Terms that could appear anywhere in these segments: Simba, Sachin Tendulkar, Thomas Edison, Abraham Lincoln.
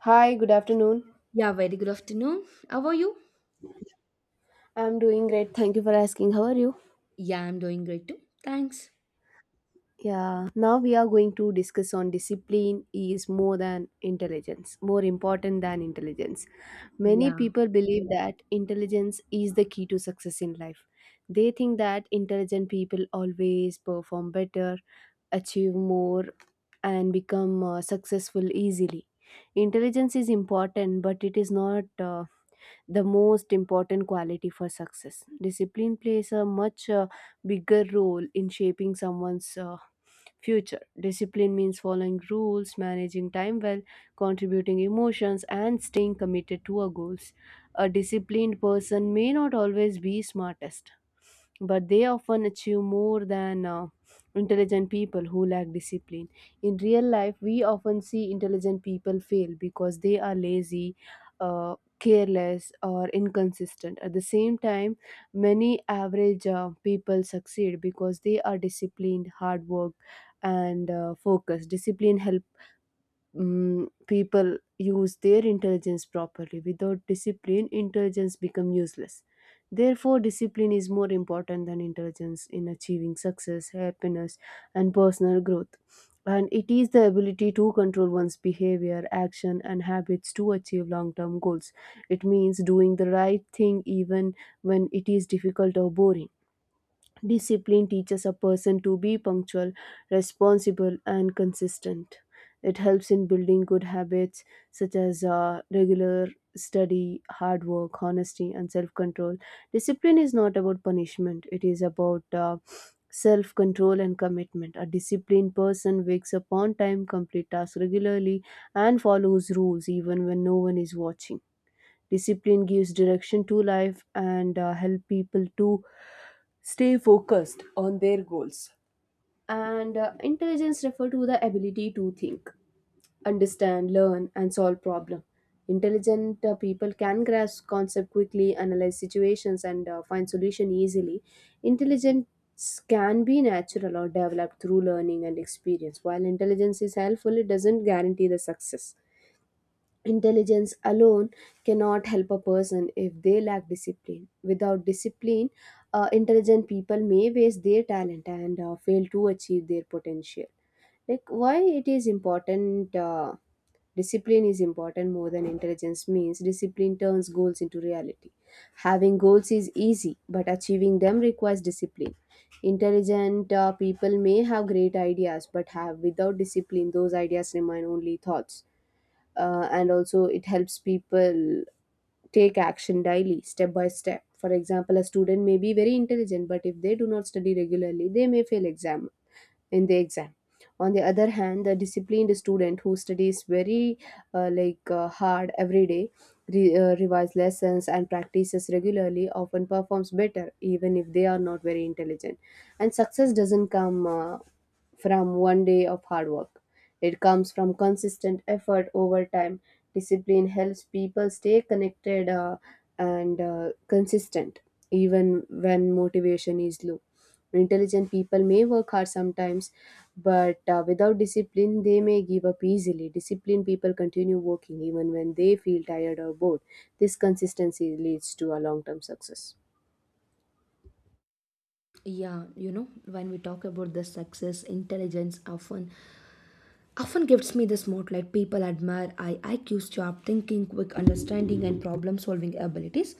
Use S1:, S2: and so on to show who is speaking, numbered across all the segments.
S1: Hi, good afternoon.
S2: Yeah, very good afternoon. How are you?
S1: I'm doing great. Thank you for asking. How are you?
S2: Yeah, I'm doing great too. Thanks.
S1: Yeah, now we are going to discuss on discipline is more than intelligence, more important than intelligence. Many
S2: Yeah.
S1: people believe that intelligence is the key to success in life. They think that intelligent people always perform better, achieve more, and become successful easily. Intelligence is important, but it is not the most important quality for success. Discipline plays a much bigger role in shaping someone's future. Discipline means following rules, managing time well, contributing emotions, and staying committed to our goals. A disciplined person may not always be smartest, but they often achieve more than intelligent people who lack discipline. In real life, we often see intelligent people fail because they are lazy, Uh, careless or inconsistent. At the same time, many average people succeed because they are disciplined, hard work, and focused. Discipline helps people use their intelligence properly. Without discipline, intelligence becomes useless. Therefore, discipline is more important than intelligence in achieving success, happiness, and personal growth. And it is the ability to control one's behavior, action, and habits to achieve long term goals. It means doing the right thing even when it is difficult or boring. Discipline teaches a person to be punctual, responsible, and consistent. It helps in building good habits such as regular study, hard work, honesty, and self control. Discipline is not about punishment, it is about self control and commitment. A disciplined person wakes up on time, complete tasks regularly, and follows rules even when no one is watching. Discipline gives direction to life and help people to stay focused on their goals. And intelligence refer to the ability to think, understand, learn, and solve problem. Intelligent people can grasp concept quickly, analyze situations, and find solution easily. Intelligence can be natural or developed through learning and experience. While intelligence is helpful, it doesn't guarantee the success. Intelligence alone cannot help a person if they lack discipline. Without discipline, intelligent people may waste their talent and fail to achieve their potential. Like why it is important, discipline is important more than intelligence means discipline turns goals into reality. Having goals is easy, but achieving them requires discipline. Intelligent people may have great ideas, but have without discipline, those ideas remain only thoughts, and also it helps people take action daily step by step. For example, a student may be very intelligent, but if they do not study regularly, they may fail exam in the exam On the other hand, the disciplined student who studies very hard every day, revise lessons and practices regularly often performs better even if they are not very intelligent. And success doesn't come from one day of hard work. It comes from consistent effort over time. Discipline helps people stay connected and consistent, even when motivation is low. Intelligent people may work hard sometimes, but without discipline, they may give up easily. Disciplined people continue working even when they feel tired or bored. This consistency leads to a long term success.
S2: Yeah, you know when we talk about the success, intelligence often gives me the spotlight. People admire I iq's sharp thinking, quick understanding, and problem solving abilities.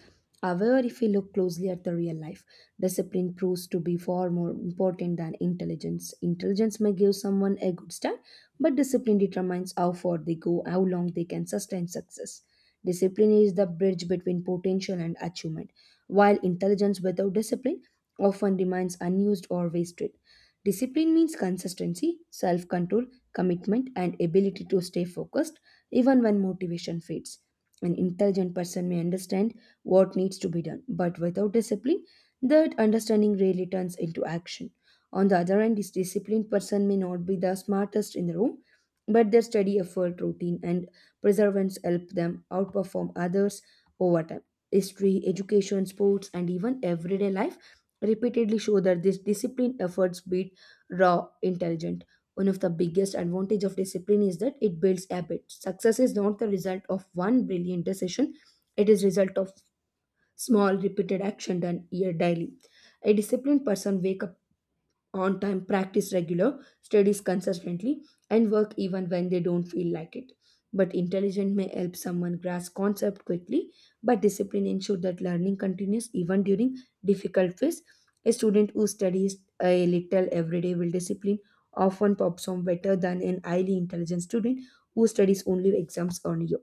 S2: However, if we look closely at the real life, discipline proves to be far more important than intelligence. Intelligence may give someone a good start, but discipline determines how far they go, how long they can sustain success. Discipline is the bridge between potential and achievement, while intelligence without discipline often remains unused or wasted. Discipline means consistency, self control, commitment, and ability to stay focused even when motivation fades. An intelligent person may understand what needs to be done, but without discipline, that understanding rarely turns into action. On the other hand, this disciplined person may not be the smartest in the room, but their steady effort, routine, and perseverance help them outperform others over time. History, education, sports, and even everyday life repeatedly show that this disciplined efforts beat raw intelligent. One of the biggest advantage of discipline is that it builds habits. Success is not the result of one brilliant decision; it is result of small repeated action done year daily. A disciplined person wake up on time, practice regular studies consistently, and work even when they don't feel like it. But intelligence may help someone grasp concept quickly, but discipline ensures that learning continues even during difficult phase. A student who studies a little every day will discipline often perform better than an highly intelligent student who studies only exams only.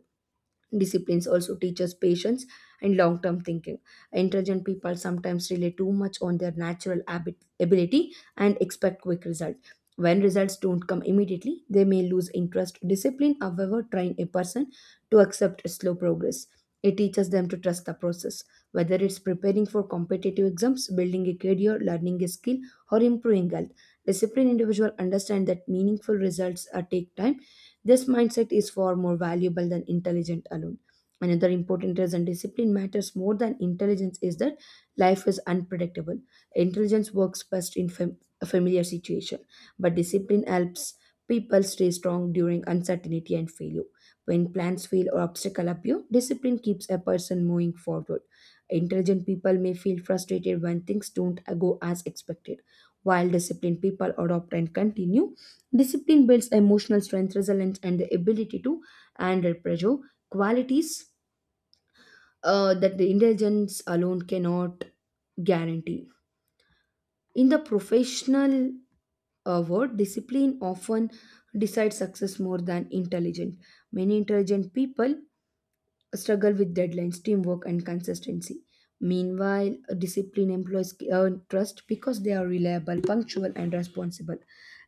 S2: Disciplines also teaches patience and long-term thinking. Intelligent people sometimes rely too much on their natural ability and expect quick results. When results don't come immediately, they may lose interest. Discipline, however, train a person to accept slow progress. It teaches them to trust the process, whether it's preparing for competitive exams, building a career, learning a skill, or improving health. Disciplined individuals understand that meaningful results take time. This mindset is far more valuable than intelligence alone. Another important reason discipline matters more than intelligence is that life is unpredictable. Intelligence works best in a familiar situation, but discipline helps people stay strong during uncertainty and failure. When plans fail or obstacles appear, discipline keeps a person moving forward. Intelligent people may feel frustrated when things don't go as expected, while disciplined people adopt and continue. Discipline builds emotional strength, resilience, and the ability to handle pressure, qualities that the intelligence alone cannot guarantee. In the professional world, discipline often decides success more than intelligent. Many intelligent people struggle with deadlines, teamwork, and consistency. Meanwhile, disciplined employees earn trust because they are reliable, punctual, and responsible.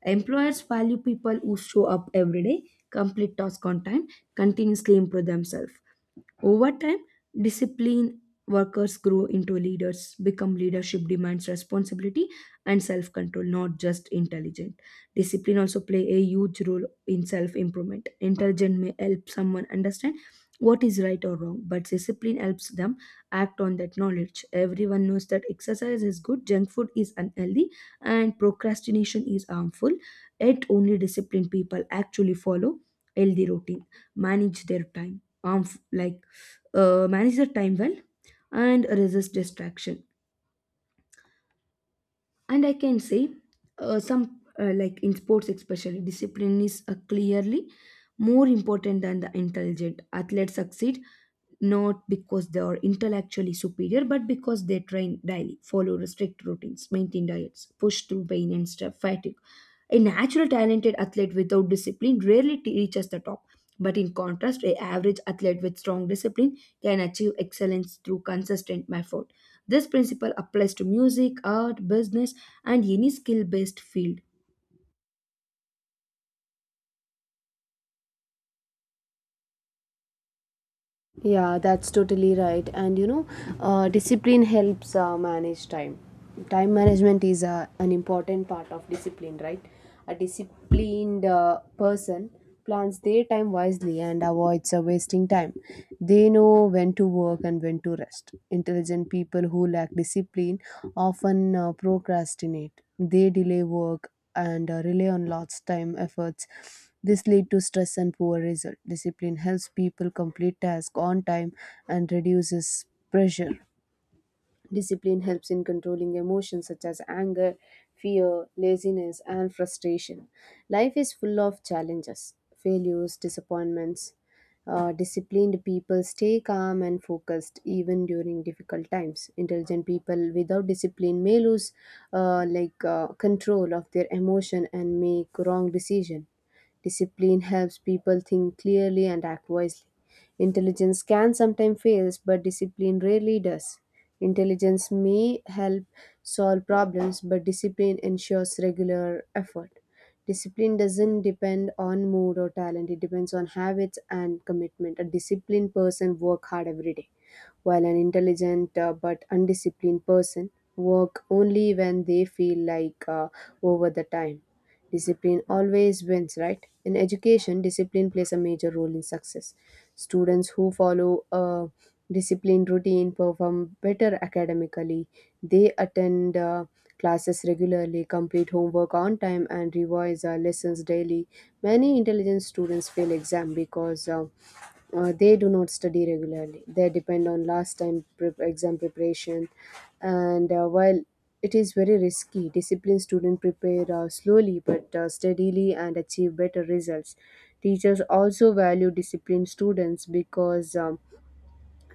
S2: Employers value people who show up every day, complete tasks on time, continuously improve themselves. Over time, disciplined workers grow into leaders, become leadership demands responsibility and self control, not just intelligent. Discipline also play a huge role in self improvement. Intelligent may help someone understand what is right or wrong, but discipline helps them act on that knowledge. Everyone knows that exercise is good, junk food is unhealthy, and procrastination is harmful. Yet, only disciplined people actually follow healthy routine, manage their time, manage the time well and resist distraction. And I can say, some like in sports especially, discipline is clearly more important than the intelligent. Athletes succeed not because they are intellectually superior, but because they train daily, follow strict routines, maintain diets, push through pain and stuff, fatigue. A natural talented athlete without discipline rarely reaches the top, but in contrast, a average athlete with strong discipline can achieve excellence through consistent effort. This principle applies to music, art, business, and any skill based field.
S1: Yeah, that's totally right. And you know, discipline helps manage time. Time management is an important part of discipline, right? A disciplined person plans their time wisely and avoids wasting time. They know when to work and when to rest. Intelligent people who lack discipline often procrastinate. They delay work and rely on lots time efforts. This lead to stress and poor result. Discipline helps people complete tasks on time and reduces pressure. Discipline helps in controlling emotions such as anger, fear, laziness, and frustration. Life is full of challenges, failures, disappointments. Disciplined people stay calm and focused even during difficult times. Intelligent people without discipline may lose control of their emotion and make wrong decision. Discipline helps people think clearly and act wisely. Intelligence can sometimes fail, but discipline rarely does. Intelligence may help solve problems, but discipline ensures regular effort. Discipline doesn't depend on mood or talent, it depends on habits and commitment. A disciplined person work hard every day, while an intelligent but undisciplined person work only when they feel like, over the time. Discipline always wins, right? In education, discipline plays a major role in success. Students who follow a disciplined routine perform better academically. They attend classes regularly, complete homework on time, and revise lessons daily. Many intelligent students fail exam because they do not study regularly. They depend on last time prep, exam preparation. And while it is very risky, disciplined students prepare slowly but steadily and achieve better results. Teachers also value disciplined students because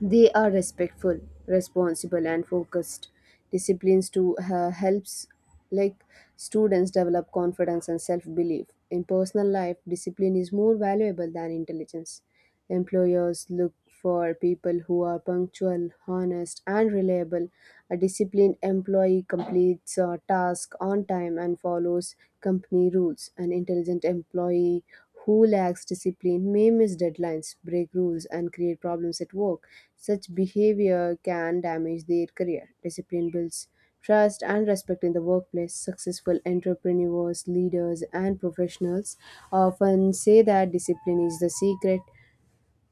S1: they are respectful, responsible, and focused. Disciplines to helps like students develop confidence and self belief. In personal life, discipline is more valuable than intelligence. Employers look for people who are punctual, honest, and reliable. A disciplined employee completes a task on time and follows company rules. An intelligent employee who lacks discipline may miss deadlines, break rules, and create problems at work. Such behavior can damage their career. Discipline builds trust and respect in the workplace. Successful entrepreneurs, leaders, and professionals often say that discipline is the secret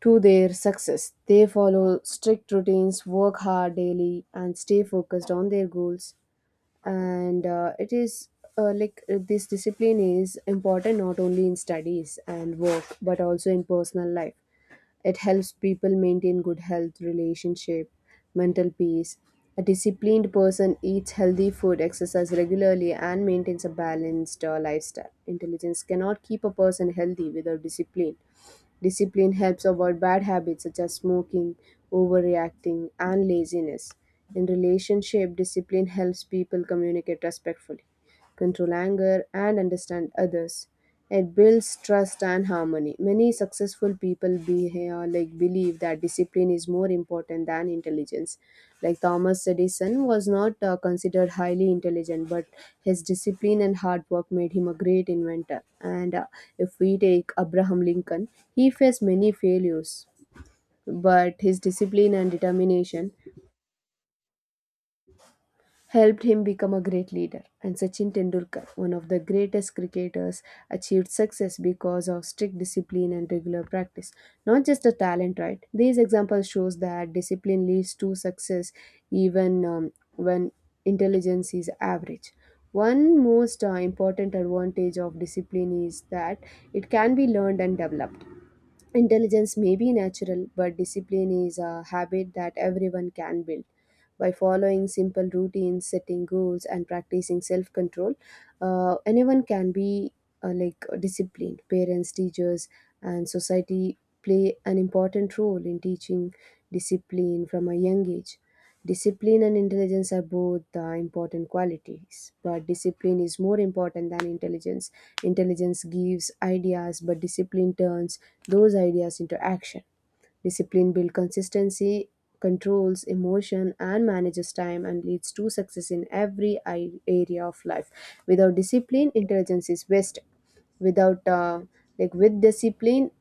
S1: to their success. They follow strict routines, work hard daily, and stay focused on their goals. And it is like this discipline is important not only in studies and work but also in personal life. It helps people maintain good health, relationship, mental peace. A disciplined person eats healthy food, exercises regularly, and maintains a balanced lifestyle. Intelligence cannot keep a person healthy without discipline. Discipline helps avoid bad habits such as smoking, overreacting, and laziness. In relationship, discipline helps people communicate respectfully, control anger, and understand others. It builds trust and harmony. Many successful people be, like believe that discipline is more important than intelligence. Like Thomas Edison was not considered highly intelligent, but his discipline and hard work made him a great inventor. And if we take Abraham Lincoln, he faced many failures, but his discipline and determination helped him become a great leader. And Sachin Tendulkar, one of the greatest cricketers, achieved success because of strict discipline and regular practice, not just the talent, right? These examples shows that discipline leads to success even when intelligence is average. One most important advantage of discipline is that it can be learned and developed. Intelligence may be natural, but discipline is a habit that everyone can build. By following simple routines, setting goals, and practicing self control, anyone can be disciplined. Parents, teachers, and society play an important role in teaching discipline from a young age. Discipline and intelligence are both the important qualities, but discipline is more important than intelligence. Intelligence gives ideas, but discipline turns those ideas into action. Discipline builds consistency, controls emotion, and manages time and leads to success in every area of life. Without discipline, intelligence is waste. Without like With discipline,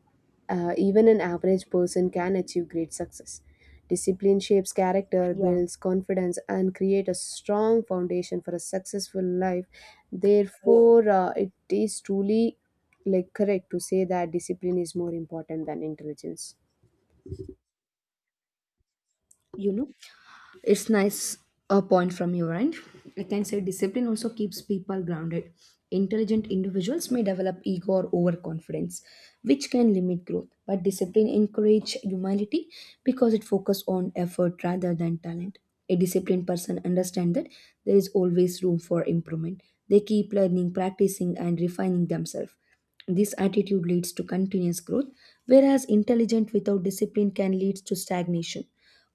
S1: even an average person can achieve great success. Discipline shapes character,
S2: Yeah.
S1: builds confidence, and create a strong foundation for a successful life. Therefore, it is truly correct to say that discipline is more important than intelligence.
S2: You know, it's nice a point from your end. I can say discipline also keeps people grounded. Intelligent individuals may develop ego or overconfidence, which can limit growth. But discipline encourages humility because it focuses on effort rather than talent. A disciplined person understands that there is always room for improvement. They keep learning, practicing, and refining themselves. This attitude leads to continuous growth, whereas intelligent without discipline can lead to stagnation.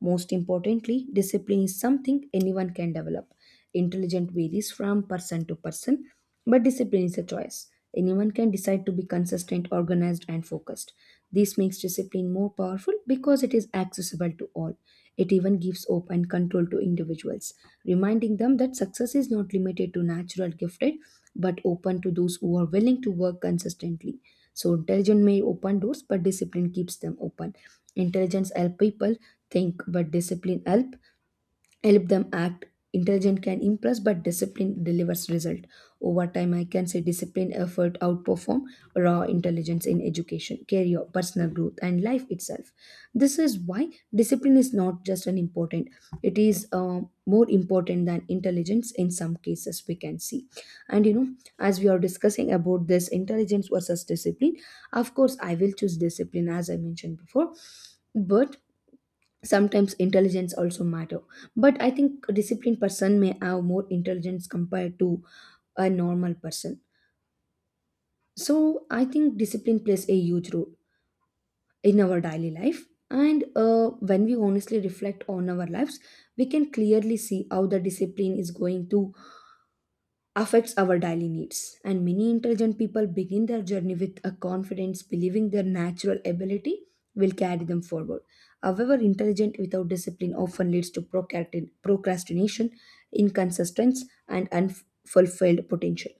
S2: Most importantly, discipline is something anyone can develop. Intelligent varies from person to person, but discipline is a choice. Anyone can decide to be consistent, organized, and focused. This makes discipline more powerful because it is accessible to all. It even gives hope and control to individuals, reminding them that success is not limited to natural gifted, but open to those who are willing to work consistently. So, intelligence may open doors, but discipline keeps them open. Intelligence help people think, but discipline help them act. Intelligent can impress, but discipline delivers result. Over time, I can say discipline effort outperform raw intelligence in education, career, personal growth, and life itself. This is why discipline is not just an important, it is more important than intelligence in some cases, we can see. And you know, as we are discussing about this intelligence versus discipline, of course I will choose discipline as I mentioned before. But sometimes intelligence also matter. But I think a disciplined person may have more intelligence compared to a normal person. So I think discipline plays a huge role in our daily life. And when we honestly reflect on our lives, we can clearly see how the discipline is going to affects our daily needs. And many intelligent people begin their journey with a confidence, believing their natural ability will carry them forward. However, intelligent without discipline often leads to procrastination, inconsistence, and unfulfilled potential.